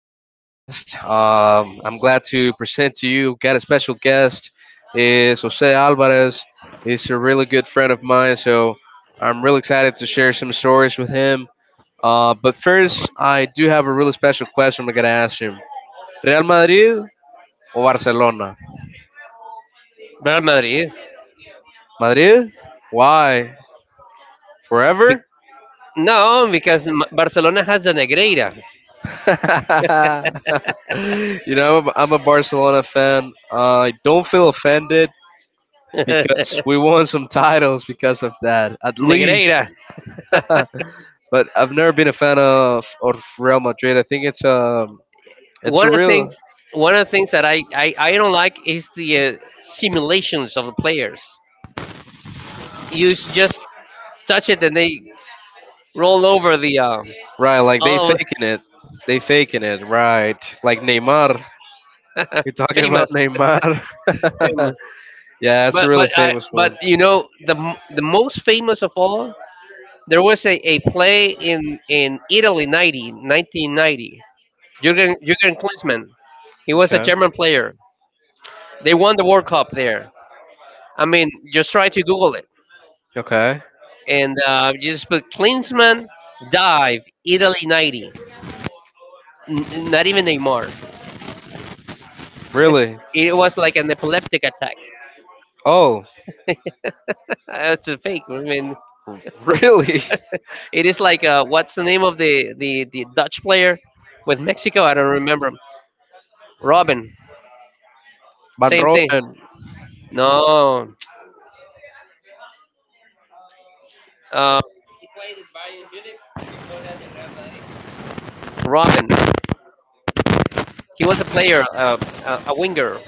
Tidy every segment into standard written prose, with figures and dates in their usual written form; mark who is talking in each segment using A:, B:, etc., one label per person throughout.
A: podcast. I'm glad to present to you. Got a special guest. Is Jose Alvarez. He's a really good friend of mine, so I'm really excited to share some stories with him. But first, I do have a really special question I'm gonna ask him: Real Madrid or Barcelona?
B: Real Madrid.
A: Madrid? Why? Forever?
B: No, because Barcelona has the Negreira.
A: I'm a Barcelona fan. I don't feel offended because we won some titles because of that, at least.
B: Negreira.
A: But I've never been a fan of Real Madrid. I think it's a
B: One of the
A: real
B: things, one of the things that I don't like is the simulations of the players. You just touch it and they roll over the
A: right. Like
B: all of-
A: they faking it, right? Like Neymar. You're talking about
B: famous,
A: Neymar.
B: famous.
A: Yeah, it's a
B: But
A: really
B: but I
A: famous
B: but
A: one.
B: you know the the most famous of all. There was a play in Italy 90, 1990. Jurgen Klinsmann. He was a
A: Okay.
B: German player. They won the World Cup there. I mean, just try to Google it,
A: Okay.
B: and you just put Klinsmann dive Italy 90. Not even Neymar.
A: Really?
B: It was like an epileptic attack.
A: Oh,
B: It's a fake. I mean,
A: really?
B: it is like what's the name of the, the Dutch player with Mexico? I don't remember. Robin.
A: Van
B: Same thing.
A: Royen.
B: No, uh, Robin. He was a player, a winger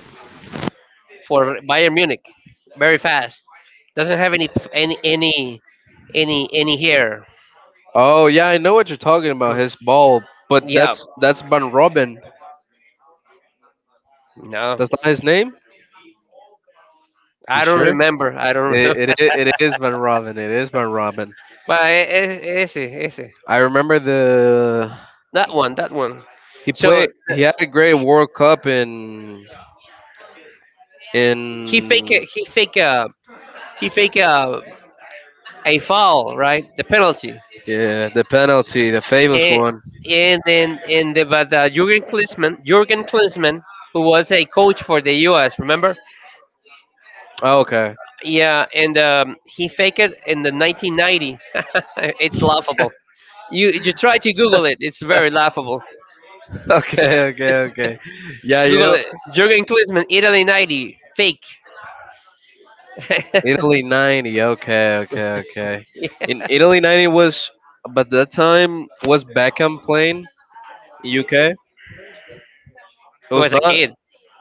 B: for Bayern Munich. Very fast. Doesn't have any hair.
A: Oh yeah, I know what you're talking about. His ball, but
B: Yeah.
A: that's Van Robin.
B: No,
A: That's not his name. You
B: I don't
A: sure?
B: remember. I don't remember.
A: It is Van Robin. It is Van Robin.
B: But ese, ese,
A: I remember the
B: that one, that one.
A: he
B: So
A: played. He had a great World Cup
B: he fake,
A: in
B: a- he fake a, he fake a foul, right? The penalty,
A: yeah the penalty, the famous
B: and
A: one.
B: and then and the, but Jurgen Klinsmann, who was a coach for the U.S. Remember?
A: Oh, okay,
B: Yeah, and he faked it in the 1990. It's laughable. You try to Google it. It's very laughable.
A: okay, okay, okay. Yeah, you
B: Google
A: know
B: it. Jurgen Klinsmann, Italy 90, fake.
A: Italy '90. Okay, okay, okay. In Italy '90 was, but that time was Beckham playing in UK. It
B: He
A: was
B: was a
A: not
B: kid,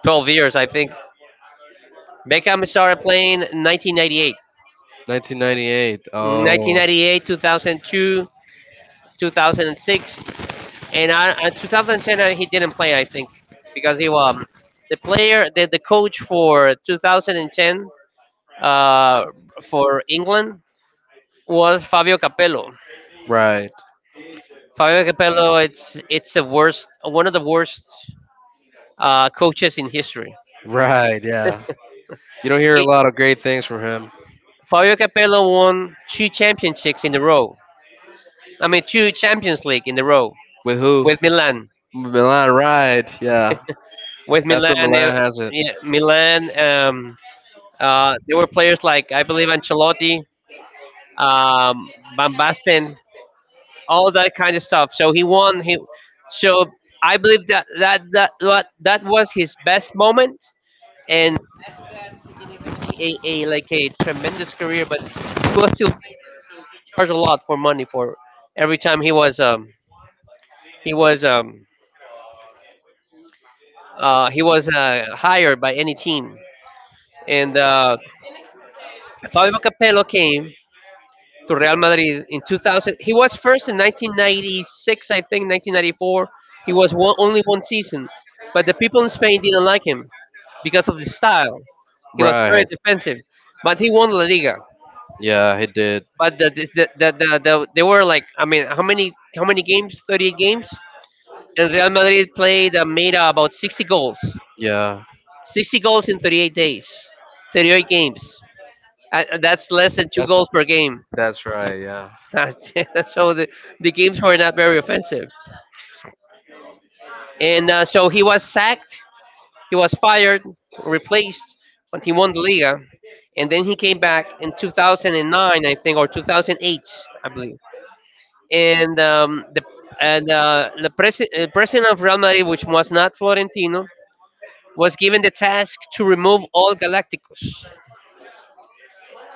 B: 12 years, I think. Beckham started playing in 1998,
A: 1998. Oh,
B: 1998, 2002, 2006, and and 2010. He didn't play, I think, because he the the coach for 2010, uh for England, was Fabio Capello.
A: right,
B: Fabio Capello, it's the worst, one of the worst coaches in history.
A: right. Yeah, you don't hear a
B: It,
A: lot of great things from him.
B: Fabio Capello won two championships in a row. I mean, two Champions League in a row
A: With who?
B: with Milan.
A: Milan, right? Yeah,
B: With
A: that's where
B: Milan,
A: Milan has it.
B: yeah, Milan. There were players like, I believe, Ancelotti, um, Van Basten, all that kind of stuff. So he won. He So I believe that that was his best moment and a like a tremendous career. But he was still charged a lot for money for every time he was he was um he was hired by any team and. Fabio Capello came to Real Madrid in 2000. He was first in 1996, I think, 1994. He was only one season, but the people in Spain didn't like him because of the style. He was
A: Right.
B: very defensive, but he won La Liga.
A: Yeah, he did.
B: But they were like, I mean, how many, how many games? 38 games, and Real Madrid played and made about 60 goals.
A: Yeah.
B: 60 goals in 38 days, 38 games. That's less than two
A: That's
B: goals per game.
A: that's right. Yeah.
B: So the games were not very offensive. And so he was sacked, he was fired, replaced when he won the Liga. And then he came back in 2009, I think, or 2008, I believe. And the president of Real Madrid, which was not Florentino, was given the task to remove all Galacticos.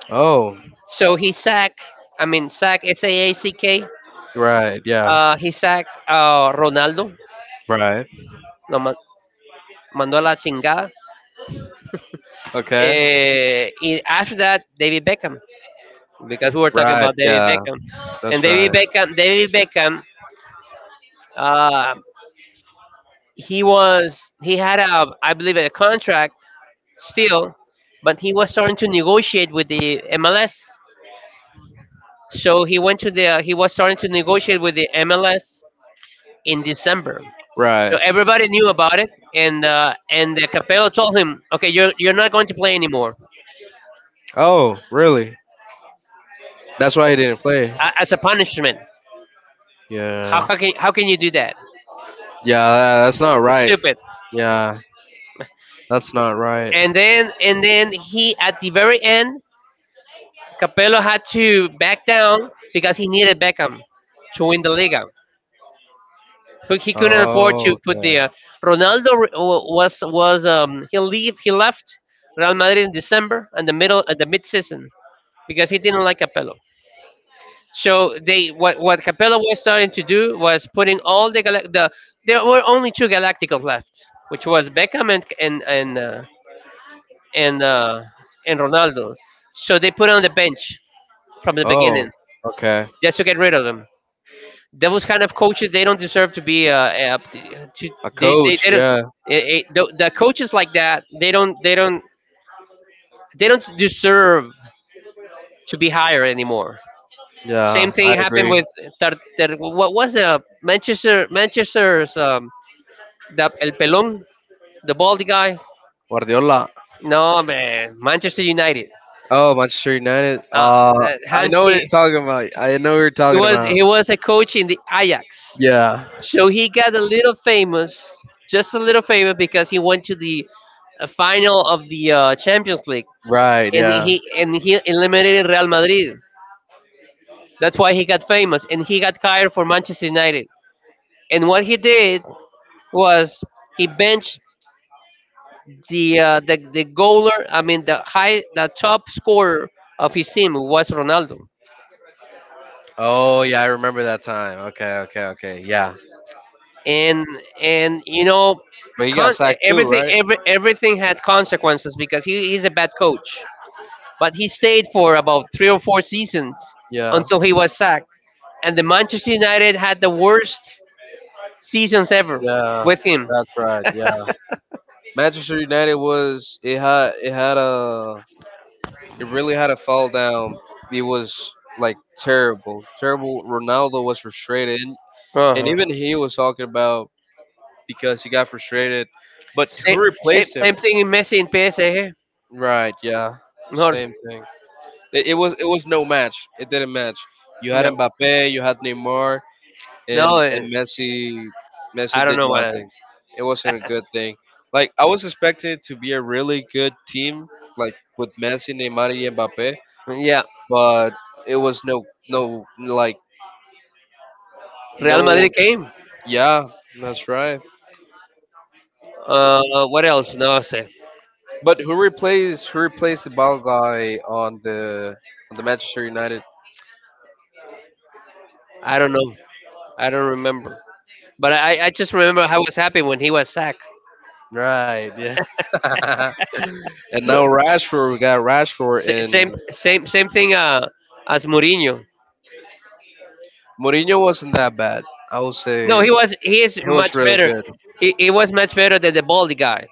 A: Oh,
B: So he sacked, I mean, sack, SAACK.
A: right. Yeah.
B: He sacked Ronaldo,
A: Right.
B: lo mandó a la chingada.
A: Okay.
B: After that, David Beckham, because we were talking
A: Right.
B: about David
A: Yeah.
B: Beckham, and
A: That's
B: David
A: right.
B: Beckham, uh, he was he had, a I believe, a contract still, but he was starting to negotiate with the MLS. So he was starting to negotiate with the MLS in December. So
A: Right.
B: everybody knew about it, and the Capello told him, "Okay, you're not going to play anymore
A: Oh, really? That's why he didn't play.
B: as a punishment.
A: Yeah.
B: How can you do that?
A: Yeah, that's not
B: It's
A: right.
B: stupid."
A: Yeah, that's not right.
B: And then, he at the very end, Capello had to back down because he needed Beckham to win the Liga. But he couldn't afford to
A: Oh,
B: put the
A: okay.
B: Ronaldo. Re- wa- was He left Real Madrid in December, and the middle at the mid season because he didn't like Capello. So they what Capello was starting to do was putting all the there were only two Galacticos left, which was Beckham and and uh, Ronaldo. So they put on the bench from the
A: Oh,
B: beginning
A: okay.
B: just to get rid of them. Those kind of coaches, they don't deserve to be
A: A coach,
B: they don't
A: yeah.
B: the coaches like that, they don't deserve to be higher anymore. Same
A: Yeah,
B: thing
A: I
B: happened
A: agree.
B: with what was the Manchester's the El Pelon, the baldy guy.
A: Guardiola.
B: No man, Manchester United.
A: Oh, Manchester United.
B: Uh, that
A: I know what you're
B: Hanti.
A: talking about. I know what you're talking about.
B: He was a coach in the Ajax.
A: Yeah.
B: So he got a little famous, just a little famous because he went to the final of the Champions League,
A: Right.
B: and
A: Yeah.
B: he eliminated Real Madrid. That's why he got famous and he got hired for Manchester United. And what he did was he benched the the goaler, I mean the top scorer of his team, was Ronaldo.
A: Oh, yeah. I remember that time. Okay. Okay. Okay. Yeah.
B: And and
A: But he got
B: con-
A: sacked too, right?
B: everything had consequences because he's a bad coach, but he stayed for about three or four seasons
A: Yeah.
B: until he was sacked. And the Manchester United had the worst seasons ever
A: Yeah.
B: with him.
A: That's right. Yeah. Manchester United was it had a he really had a fall down. It was like terrible, terrible. Ronaldo was frustrated, and
B: Uh-huh.
A: even he was talking about because he got frustrated. But who
B: Same, same,
A: replaced him?
B: same thing in Messi in PSA, eh?
A: Right, yeah,
B: No,
A: same thing. It was it was no match. It didn't match. You had
B: no,
A: Mbappe, you had Neymar, and
B: no.
A: Messi.
B: I
A: Messi
B: don't
A: did
B: know what.
A: nothing. It wasn't a good thing. Like I was expecting it to be a really good team, like with Messi, Neymar, and Mbappe,
B: Yeah,
A: but it was no no like
B: Real
A: no
B: Madrid came.
A: yeah that's right
B: Uh, what else? No,
A: but who replaced the ball guy on the Manchester United
B: I don't know. I don't remember. But I just remember I was happy when he was sacked.
A: right yeah and now Rashford we got Rashford
B: S- same,
A: and
B: same, same thing. As Mourinho.
A: Mourinho wasn't that bad I would say
B: No, he was. He is
A: he was
B: much
A: really
B: better.
A: good
B: He was much better than the baldy guy.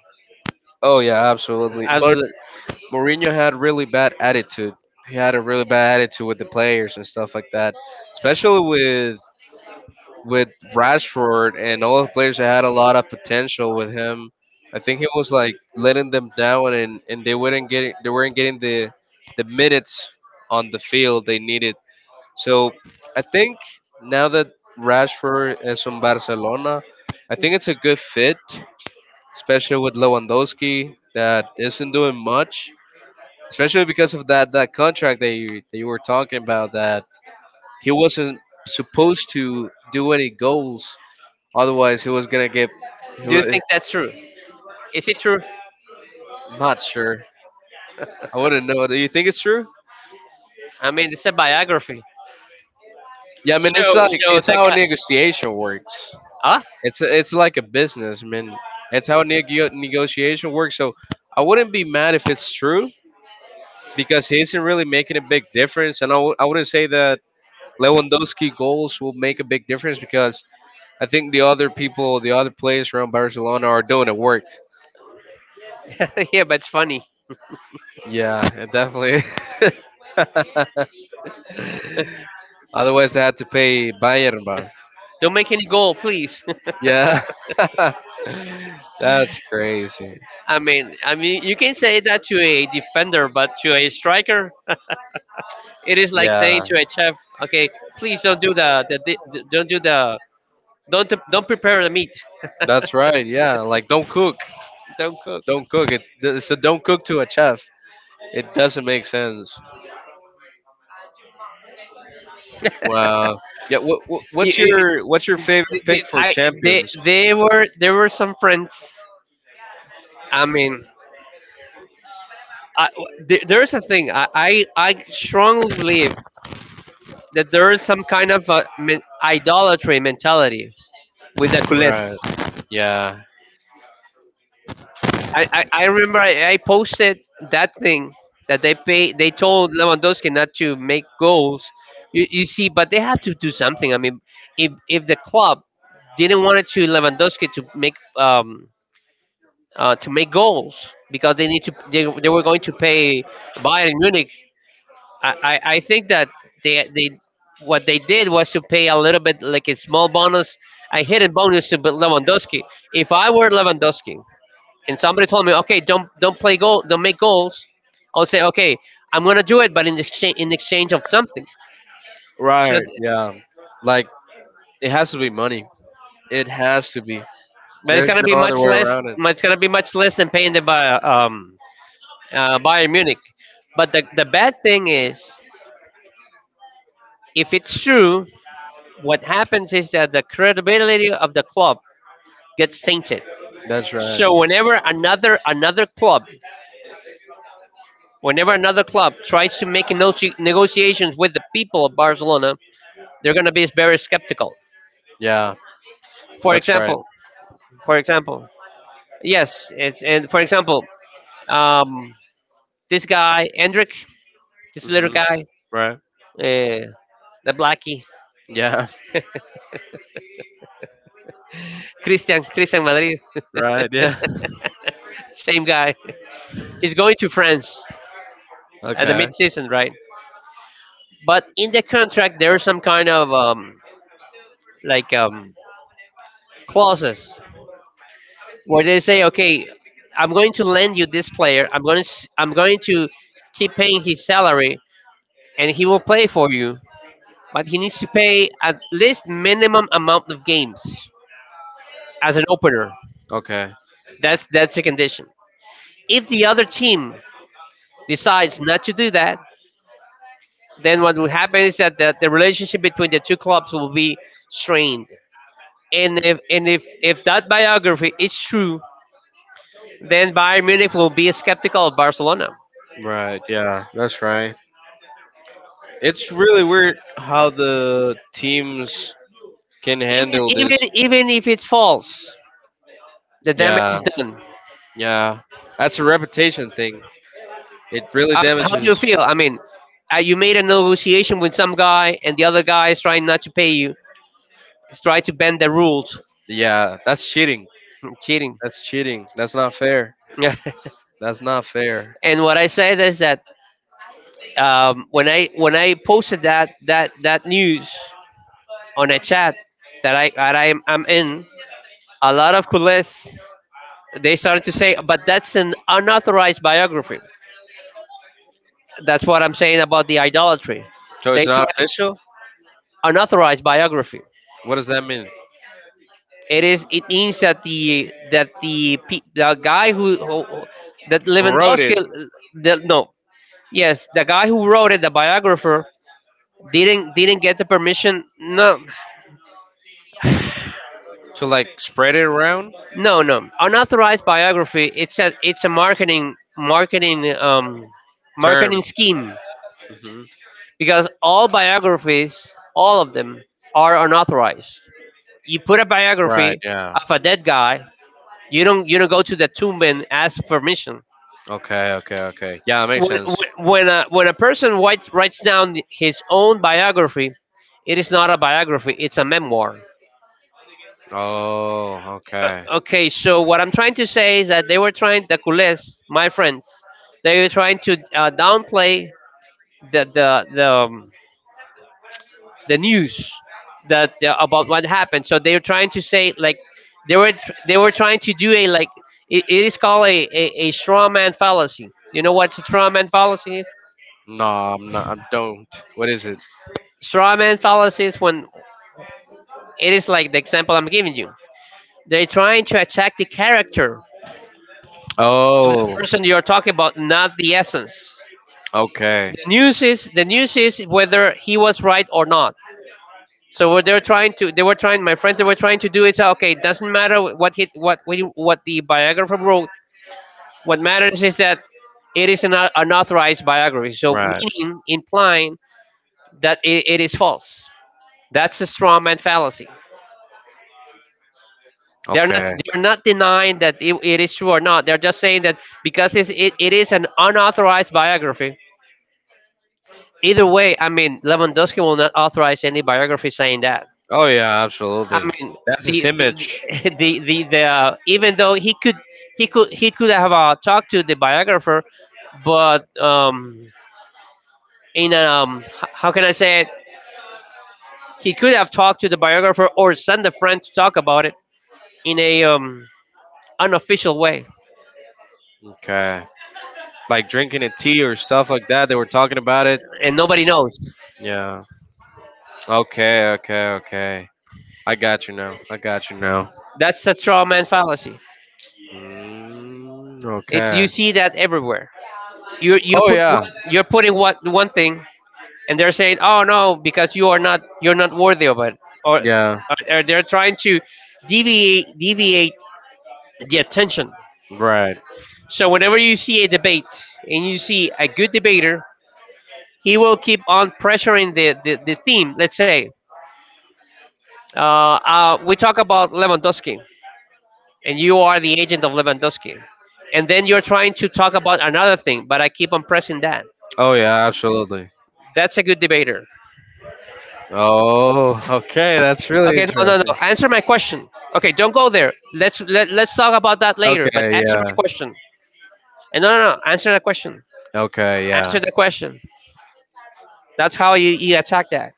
A: oh yeah absolutely but
B: Absolutely.
A: Mourinho had really bad attitude he had a really bad attitude with the players and stuff like that especially with Rashford and all the players that had a lot of potential with him. I think he was like letting them down and they weren't getting the minutes on the field they needed. So I think now that Rashford is from Barcelona, I think it's a good fit, especially with Lewandowski that isn't doing much, especially because of that contract that you were talking about that he wasn't supposed to do any goals. Otherwise, he was gonna get. He
B: Do you
A: was,
B: think that's true? Is it true?
A: not sure. I wouldn't know. Do you think it's true?
B: I mean, it's a biography.
A: Yeah, I mean,
B: Show,
A: it's like
B: show
A: it's
B: that
A: how a
B: guy.
A: negotiation works.
B: Huh?
A: It's like a business, I mean. It's how negotiation works. So I wouldn't be mad if it's true because he isn't really making a big difference, and I wouldn't say that Lewandowski goals will make a big difference because I think the other people, the other players around Barcelona are doing the work.
B: Yeah, but it's funny.
A: Yeah, it definitely. Otherwise, I had to pay Bayern bar.
B: Don't make any goal, please.
A: Yeah. That's crazy.
B: I mean, you can say that to a defender, but to a striker, it is like
A: Yeah,
B: saying to a chef, "Okay, please don't do the, di- d don't do don't prepare the meat,
A: that's right. Yeah, like don't cook.
B: don't cook."
A: Don't cook. It's a don't cook to a chef. It doesn't make sense. Wow. Yeah.
B: You-
A: What's
B: you-
A: your what's your
B: the-
A: favorite
B: the-
A: pick for
B: I,
A: champions?
B: they were there were some friends. I mean, I, there is a thing. I strongly believe that there is some kind of idolatry mentality with the Kulis.
A: Right. Yeah.
B: I remember I posted that thing that they pay. They told Lewandowski not to make goals. You see, but they have to do something. I mean, if the club didn't want it to Lewandowski to make goals because they were going to pay Bayern Munich. I think that they what they did was to pay a little bit, like a small bonus, a hidden bonus to Lewandowski. If I were Lewandowski and somebody told me, okay, don't play goal, don't make goals, I'll say, okay, I'm gonna do it, but in exchange of something. So,
A: Right.
B: th-
A: Yeah. Like it has to be money. It has to be.
B: but it's
A: There's
B: gonna be
A: no other
B: much
A: way
B: less.
A: around it.
B: It's gonna be much less than paying the by Bayern Munich. But the bad thing is, if it's true, what happens is that the credibility of the club gets tainted.
A: That's right.
B: So whenever another club, whenever another club tries to make negotiations with the people of Barcelona, they're going to be very skeptical.
A: Yeah,
B: For
A: that's right.
B: example, for example, yes, it's and for example, um, this guy Hendrik, this little
A: Hmm.
B: guy,
A: Right.
B: the blackie,
A: Yeah.
B: Christian Madrid,
A: Right. Yeah.
B: same guy. He's going to France at the
A: Okay.
B: mid-season, right? But in the contract, there are some kind of like um, clauses where they say, okay, I'm going to lend you this player. I'm going to keep paying his salary, and he will play for you. But he needs to pay at least minimum amount of games as an opener.
A: Okay.
B: That's a condition. If the other team decides not to do that, then what will happen is that the relationship between the two clubs will be strained. And if that biography is true, then Bayern Munich will be skeptical of Barcelona.
A: Right, yeah, that's right. It's really weird how the teams can
B: even
A: handle this.
B: even even if it's false, the damage
A: Yeah,
B: is done.
A: yeah. That's a reputation thing. It really
B: I mean, how do
A: damages.
B: you feel? I mean, you made a negotiation with some guy, and the other guy is trying not to pay you. He's trying to bend the rules.
A: Yeah, that's cheating.
B: Cheating.
A: That's cheating. That's not fair.
B: Yeah.
A: That's not fair.
B: And what I said is that when I posted that news on a chat that I'm in, a lot of coolest, they started to say, but that's an unauthorized biography. That's what I'm saying about the idolatry.
A: So it's
B: They try.
A: not official?
B: Unauthorized biography.
A: What does that mean?
B: It is. It means the guy who that Lewandowski,
A: Corroded.
B: the, no, yes, the guy who wrote it, the biographer, didn't get the permission. No,
A: To like spread it around?
B: no, no. Unauthorized biography. It's a marketing marketing um
A: Term.
B: marketing scheme
A: Hmm.
B: because all biographies, all of them, are unauthorized. You put a
A: Right,
B: biography
A: yeah.
B: of a dead guy. You don't go to the tomb and ask permission
A: Okay, okay, okay. Yeah, that makes
B: when,
A: sense.
B: when a when a person writes down his own biography, it is not a biography; it's a memoir.
A: Oh, okay.
B: Okay, so what I'm trying to say is that they were trying, the culés, my friends, they were trying to downplay the the the, um, the news that, about what happened. So they were trying to say like they were trying to do a like it is called a straw man fallacy. You know what straw man fallacy is?
A: No, I'm not. I don't. What is it?
B: Straw man fallacy is when it is like the example I'm giving you. They're trying to attack the character of the
A: Oh.
B: person you're talking about, not the essence. The
A: Okay.
B: news is the news is whether he was right or not. So what they were trying to do is, okay, it doesn't matter what the biographer wrote. What matters is that it is an unauthorized biography. So
A: Right.
B: meaning, implying that it is false. That's a straw man fallacy. They're not
A: Okay.
B: they're not denying that it is true or not. They're just saying that because it is an unauthorized biography. Either way, I mean, Lewandowski will not authorize any biography saying that.
A: Oh yeah,
B: I
A: absolutely.
B: mean,
A: That's his
B: the
A: image.
B: the even though he could have talked to the biographer, but how can I say it? He could have talked to the biographer or send a friend to talk about it in a unofficial way,
A: Okay. Like drinking a tea or stuff like that. They were talking about it.
B: and nobody knows.
A: Yeah. Okay, okay, okay. I got you now. I got you now.
B: That's a straw man fallacy.
A: Mm,
B: It's,
A: okay.
B: you see that everywhere.
A: Oh yeah.
B: You're putting what one thing, and they're saying, "Oh no, because you're not worthy of it," or,
A: Yeah.
B: or they're trying to deviate the attention.
A: Right.
B: So whenever you see a debate and you see a good debater, he will keep on pressuring the theme. Let's say, we talk about Lewandowski, and you are the agent of Lewandowski, and then you're trying to talk about another thing, but I keep on pressing that.
A: Oh yeah, absolutely.
B: That's a good debater.
A: Oh, okay, that's really
B: Okay, no, no,
A: interesting.
B: no. Answer my question. Okay, don't go there. Let's talk about that later. But
A: Okay,
B: answer my
A: yeah.
B: question. And no, no, no. Answer the question.
A: Okay, yeah.
B: Answer the question. That's how you attack that.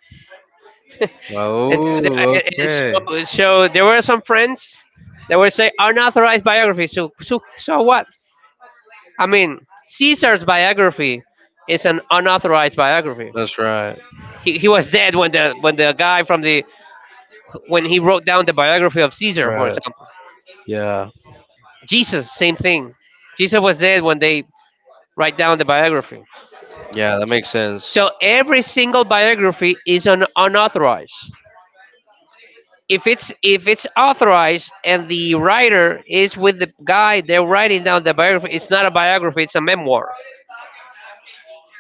B: And, th-
A: Oh,
B: and- and
A: okay.
B: so there were some friends that would say unauthorized biography. So what? I mean, Caesar's biography is an unauthorized biography.
A: That's right.
B: He was dead when the guy from the when he wrote down the biography of Caesar, for
A: Right.
B: example.
A: Yeah.
B: Jesus, same thing. Jesus was dead when they write down the biography.
A: Yeah, that makes sense.
B: So every single biography is an unauthorized. If it's authorized and the writer is with the guy they're writing down the biography, it's not a biography, it's a memoir.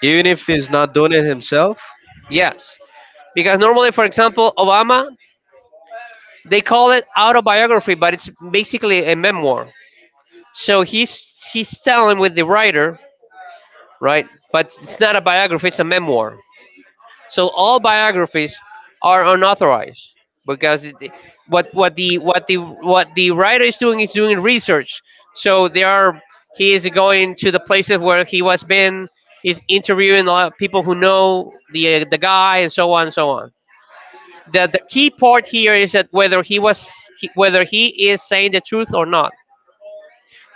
A: Even if he's not doing it himself?
B: Yes. Because normally, for example, Obama, they call it autobiography, but it's basically a memoir. So he's telling with the writer, right? But it's not a biography, it's a memoir. So all biographies are unauthorized because it, what what the writer is doing research. So there are He is going to the places where he was been. He's interviewing a lot of people who know the guy and so on and so on. The key part here is that whether he is saying the truth or not.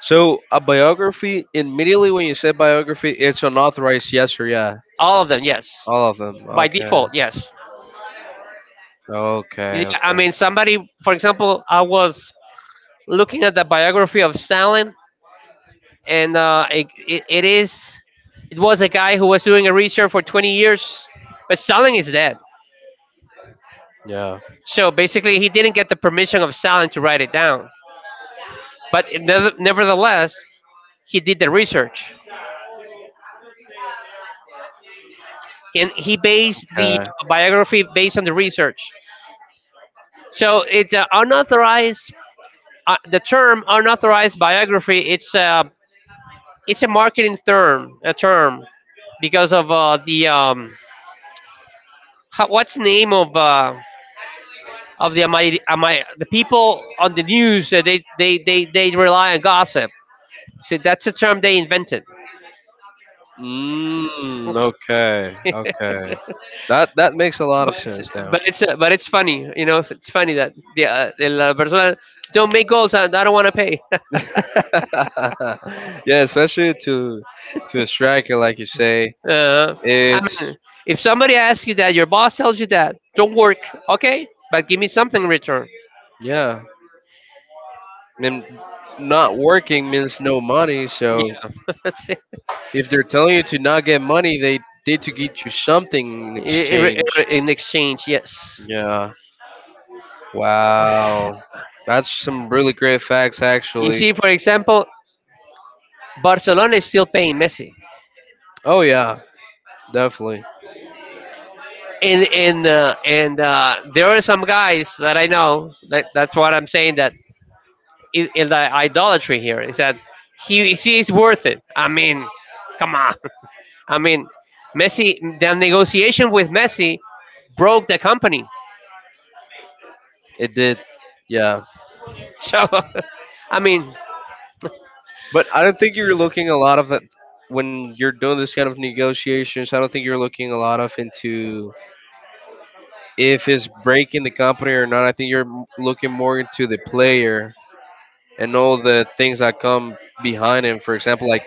A: So a biography immediately when you say biography, it's unauthorized. Yes or yeah,
B: All of them, yes.
A: all of them.
B: By
A: Okay.
B: default, yes. Yeah,
A: Okay.
B: I
A: Okay.
B: mean, somebody, for example, I was looking at the biography of Stalin, and it was a guy who was doing a research for 20 years, but Stalin is dead.
A: Yeah.
B: So basically, he didn't get the permission of Stalin to write it down. But nevertheless, he did the research, and he based the
A: Okay.
B: biography based on the research. So it's, unauthorized. The term unauthorized biography. It's a marketing term, a term because of what's the name of, the people on the news, they rely on gossip. So that's a term they invented.
A: Mm, okay, okay. That that makes a lot of
B: But it's
A: sense now.
B: but it's funny, you know. If It's funny that the La Barcelona don't make goals. I don't want to pay.
A: Yeah, especially to a striker like you say,
B: uh, I
A: it's
B: mean, if somebody asks you that, your boss tells you that, don't work, okay? But give me something in return.
A: yeah. And not working means no money. So
B: That's it.
A: if they're telling you to not get money, they did to get you something in
B: in, in
A: exchange.
B: in exchange, yes.
A: Yeah. Wow. That's some really great facts,
B: You see,
A: actually.
B: for example, Barcelona is still paying Messi.
A: Oh yeah, definitely.
B: And there are some guys that I know that, that's what I'm saying, that is the idolatry here, is that he, she is worth it. I mean, come on. I mean, Messi the negotiation with Messi broke the company.
A: It did. Yeah.
B: So I mean,
A: But I don't think you're looking a lot of it when you're doing this kind of negotiations. I don't think you're looking a lot of into if it's breaking the company or not. I think you're looking more into the player and all the things that come behind it. For example, like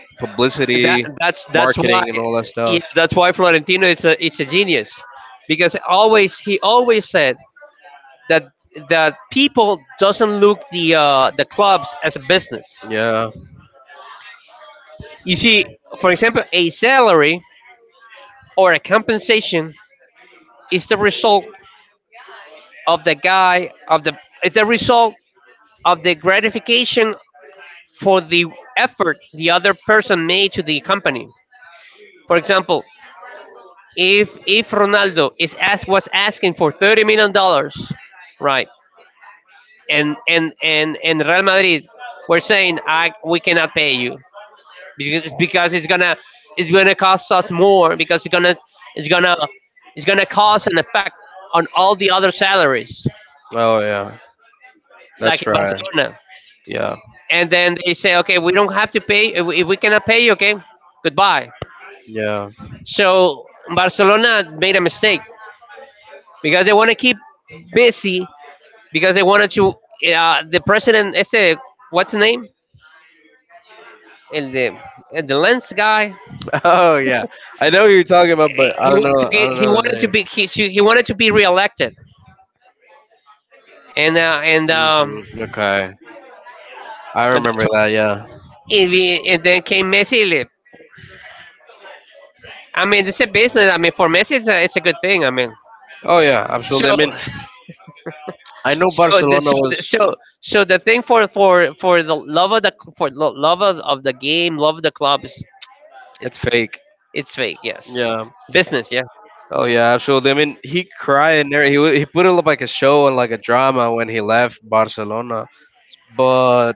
B: that
A: publicity,
B: that's that's why,
A: marketing, and all that
B: yeah,
A: stuff.
B: that's why Florentino is a it's a genius because, always, he always said that people doesn't look the clubs as a business.
A: Yeah.
B: You see, for example, a salary or a compensation is the result of the guy of the it's the result of the gratification for the effort the other person made to the company. For example, if Ronaldo is asked was asking for $30 million, right, and Real Madrid were saying, I we cannot pay you, because it's gonna cost us more because it's gonna it's gonna cause an effect on all the other salaries,
A: Oh yeah.
B: like
A: That's
B: in
A: right.
B: Barcelona.
A: Yeah.
B: And then they say, okay, we don't have to pay. If we cannot pay you, okay, goodbye.
A: Yeah.
B: So Barcelona made a mistake because they want to keep busy because they wanted to, the president este, what's his name, and the lens guy,
A: Oh yeah. I know who you're talking about,
B: he
A: but I
B: he
A: don't
B: wanted to
A: know. I
B: get
A: don't know the name.
B: he wanted to be reelected, and uh, and um,
A: Hmm. Okay. I
B: and that's
A: remember
B: why.
A: that. Yeah.
B: And then came Messi. I mean, it's a business. I mean, for Messi, it's a good thing. I mean,
A: Oh yeah, absolutely. I
B: so
A: mean, I know
B: so the, so
A: Barcelona was.
B: the- so so the thing for the love of the love of the game, love of the club is
A: It's
B: it's
A: fake.
B: it's fake. Yes,
A: Yeah.
B: business. Yeah,
A: Oh yeah, absolutely. I mean, he cried and everything. He he put it up like a show and like a drama when he left Barcelona. But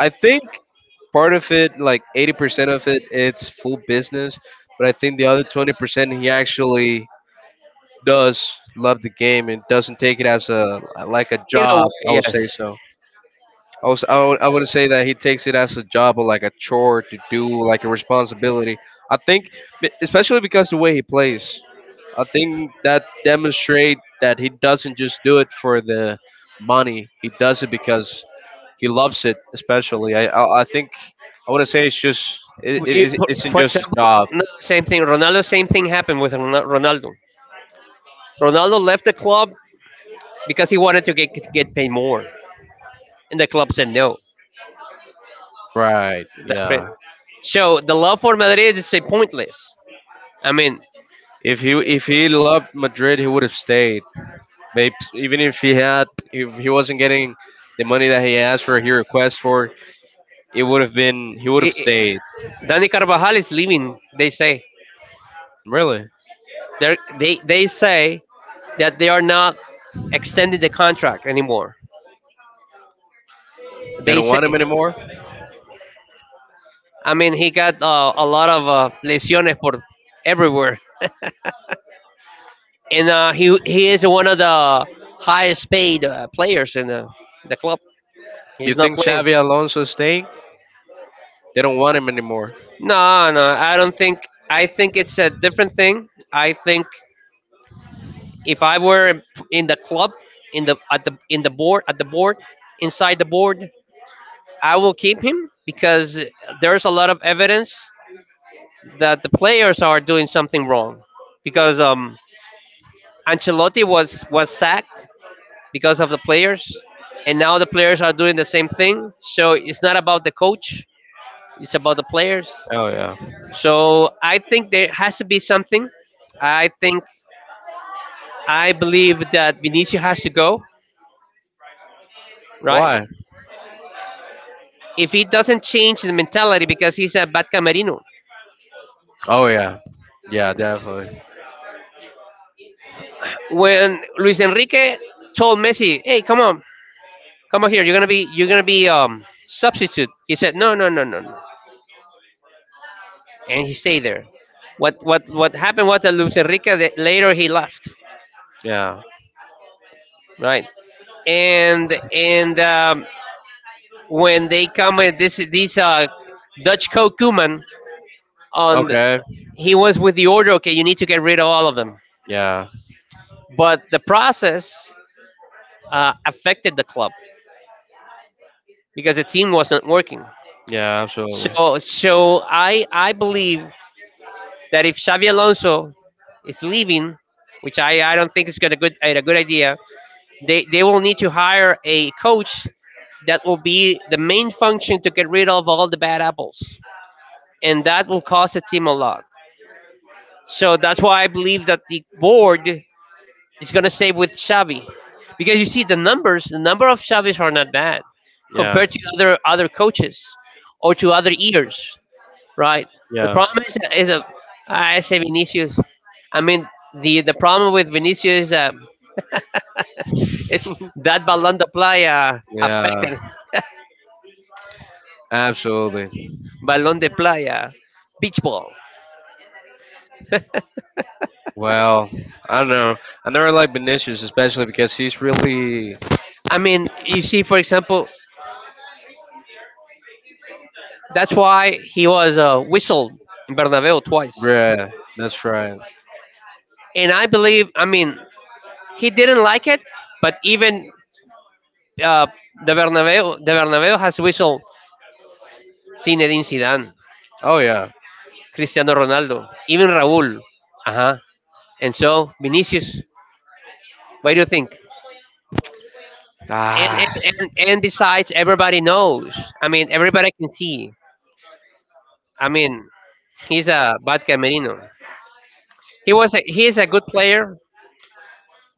A: I think part of it, like 80% of it, it's full business. But I think the other 20%, he actually does love the game and doesn't take it as a like a
B: you
A: job.
B: know.
A: I would say
B: Yes.
A: so. I would not say that he takes it as a job or like a chore to do, like a responsibility. I think, especially because the way he plays, I think that demonstrate that he doesn't just do it for the money. He does it because he loves it. Especially, I think I wouldn't say it's just it, it it
B: For,
A: isn't
B: for
A: just a
B: example,
A: job.
B: no, same thing. Ronaldo. Same thing happened with Ronaldo. Ronaldo left the club because he wanted to get paid more, and the club said no.
A: Right.
B: That's right.
A: Yeah.
B: So the love for Madrid is a pointless. I mean,
A: If he loved Madrid, he would have stayed. Babes, even if he had, if he wasn't getting the money that he asked for, he requested for, it would have been, he would have
B: I
A: stayed.
B: Danny Carvajal is leaving. They say.
A: Really?
B: They say that they are not extending the contract anymore.
A: They
B: They
A: don't
B: say.
A: want him anymore?
B: I mean, he got, a lot of, lesiones for everywhere, and, he is one of the highest paid players in the club. He's
A: You
B: not
A: think
B: playing.
A: Xavi Alonso is staying? They don't want him anymore.
B: No, no, I don't think. I think it's a different thing. I think if I were in the club, in the board, inside the board, I will keep him because there's a lot of evidence that the players are doing something wrong. Because Ancelotti was sacked because of the players, and now the players are doing the same thing. So it's not about the coach; it's about the players.
A: Oh, yeah.
B: So I think there has to be something. I think I believe that Vinicius has to go. Right?
A: Why?
B: If he doesn't change the mentality, because he's a bad camerino.
A: Oh, yeah. Yeah, definitely.
B: When Luis Enrique told Messi, "Hey, come on, come on here. You're gonna be, substitute," he said, "No, no, no, no, no," and he stayed there. What happened was that Luis Enrique, that later he left,
A: Yeah.
B: right? And when they come with this Dutch coach Koeman, on, the,
A: Okay.
B: he was with the order. Okay, you need to get rid of all of them.
A: Yeah.
B: But the process, affected the club because the team wasn't working.
A: Yeah, absolutely.
B: So I believe that if Xavi Alonso is leaving, which I don't think is gonna good a good idea, they will need to hire a coach that will be the main function to get rid of all the bad apples. And that will cost the team a lot. So that's why I believe that the board is gonna stay with Xavi. Because you see the numbers, the number of Xavis are not bad
A: Yeah.
B: compared to other coaches or to other ears. Right. The
A: Yeah.
B: problem is a, I say, Vinicius. I mean, the problem with Vinicius is that it's that balón de Playa
A: Yeah.
B: affected,
A: Absolutely.
B: balón de Playa, beach ball.
A: Well, I don't know. I never liked Vinicius, especially because he's really.
B: I mean, you see, for example, that's why he was, whistled in Bernabeu twice.
A: Yeah, that's right.
B: And I believe, I mean, he didn't like it, but even, uh, the Bernabeu, has whistled Zinedine Zidane,
A: Oh yeah.
B: Cristiano Ronaldo, even Raúl. Uh-huh. And so, Vinicius, what do you think? And
A: Ah.
B: and, and besides, everybody knows. I mean, everybody can see. I mean, he's a bad Camerino. He is a good player,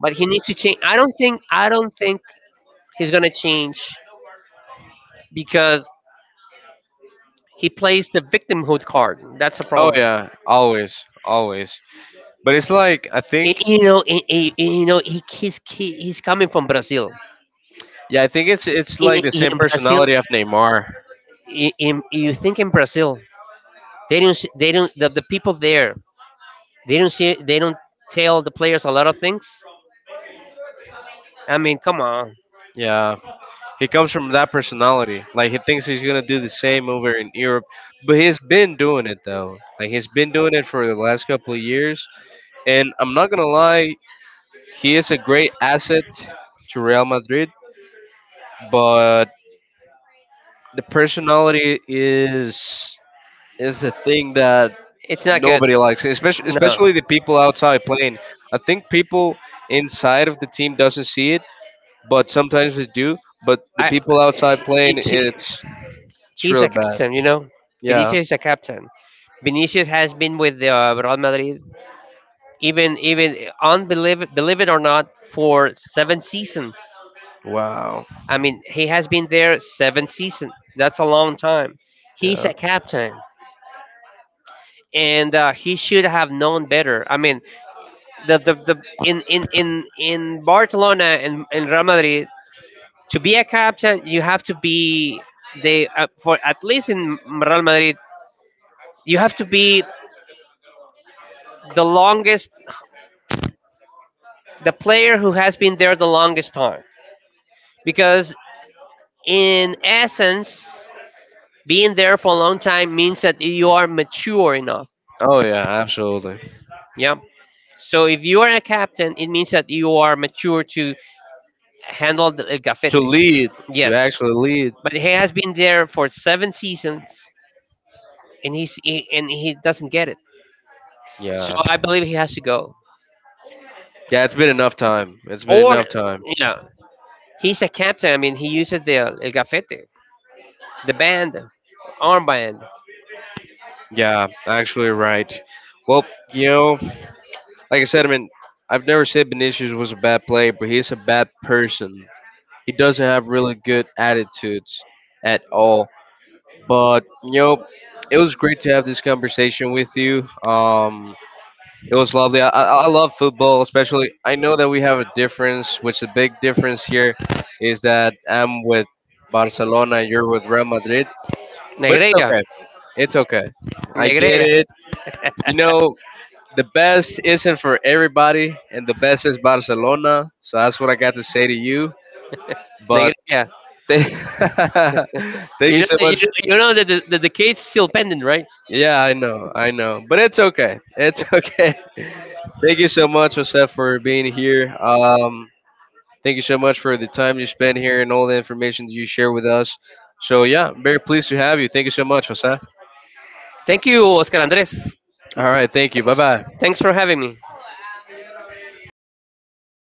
B: but he needs to change. I don't think he's gonna change because he plays the victimhood card. That's a
A: Oh
B: problem.
A: yeah, always, always. But it's like I think,
B: And, you know, he's coming from Brazil.
A: yeah, I think it's
B: In,
A: like the same
B: in Brazil,
A: personality of Neymar.
B: you think in Brazil, they don't, the people there. They don't see. They don't tell the players a lot of things. I mean, come on,
A: Yeah, he comes from that personality. Like he thinks he's gonna do the same over in Europe, but he's been doing it though. Like he's been doing it for the last couple of years, and I'm not gonna lie, he is a great asset to Real Madrid. But the personality is the thing that
B: it's not good.
A: nobody likes it, especially
B: No,
A: especially the people outside playing. I think people inside of the team doesn't see it, but sometimes they do. But the
B: I.
A: people outside
B: You
A: playing,
B: see,
A: it's
B: he's
A: really
B: a
A: bad.
B: captain. You know,
A: Yeah.
B: Vinicius is a captain. Vinicius has been with the, Real Madrid, even unbelieve believe it or not, for 7 seasons.
A: Wow.
B: I mean, he has been there 7 seasons. That's a long time. He's
A: Yeah.
B: a captain, and, he should have known better. I mean, the in Barcelona and in Real Madrid, to be a captain, you have to be the for at least, in Real Madrid, you have to be the longest the player who has been there the longest time, because, in essence, being there for a long time means that you are mature enough.
A: Oh yeah, absolutely.
B: Yeah, so if you are a captain, it means that you are mature to handle the el
A: To
B: gafete.
A: lead, to
B: Yes,
A: actually lead.
B: but he has been there for 7 seasons, and and he doesn't get it. So
A: Yeah.
B: I believe he has to go.
A: Yeah, it's been enough time. It's been
B: Or,
A: enough time.
B: you know, he's a captain. I mean, he uses the, el gafete, the band, armband,
A: Yeah, actually right. Well, you know, like I said, I mean, I've never said Vinicius was a bad player, but he's a bad person. He doesn't have really good attitudes at all. But you know, it was great to have this conversation with you. It was lovely. I love football, especially. I know that we have a difference, which the big difference here is that I'm with Barcelona, and you're with Real Madrid. But it's
B: negrera,
A: okay. It's okay. I get
B: negrera,
A: it. You know, the best isn't for everybody, and the best is Barcelona. So that's what I got to say to you. But
B: negrera.
A: thank, thank
B: You
A: you
B: know,
A: so
B: you,
A: much.
B: you know that the case is still pending, right?
A: Yeah, I know, but it's okay. It's okay. Thank you so much, Joseph, for being here. Thank you so much for the time you spent here and all the information you share with us. So yeah, very pleased to have you. Thank you so much, Joseph.
B: Thank you, Oscar Andres.
A: All right, thank you. Bye bye.
B: Thanks for having me.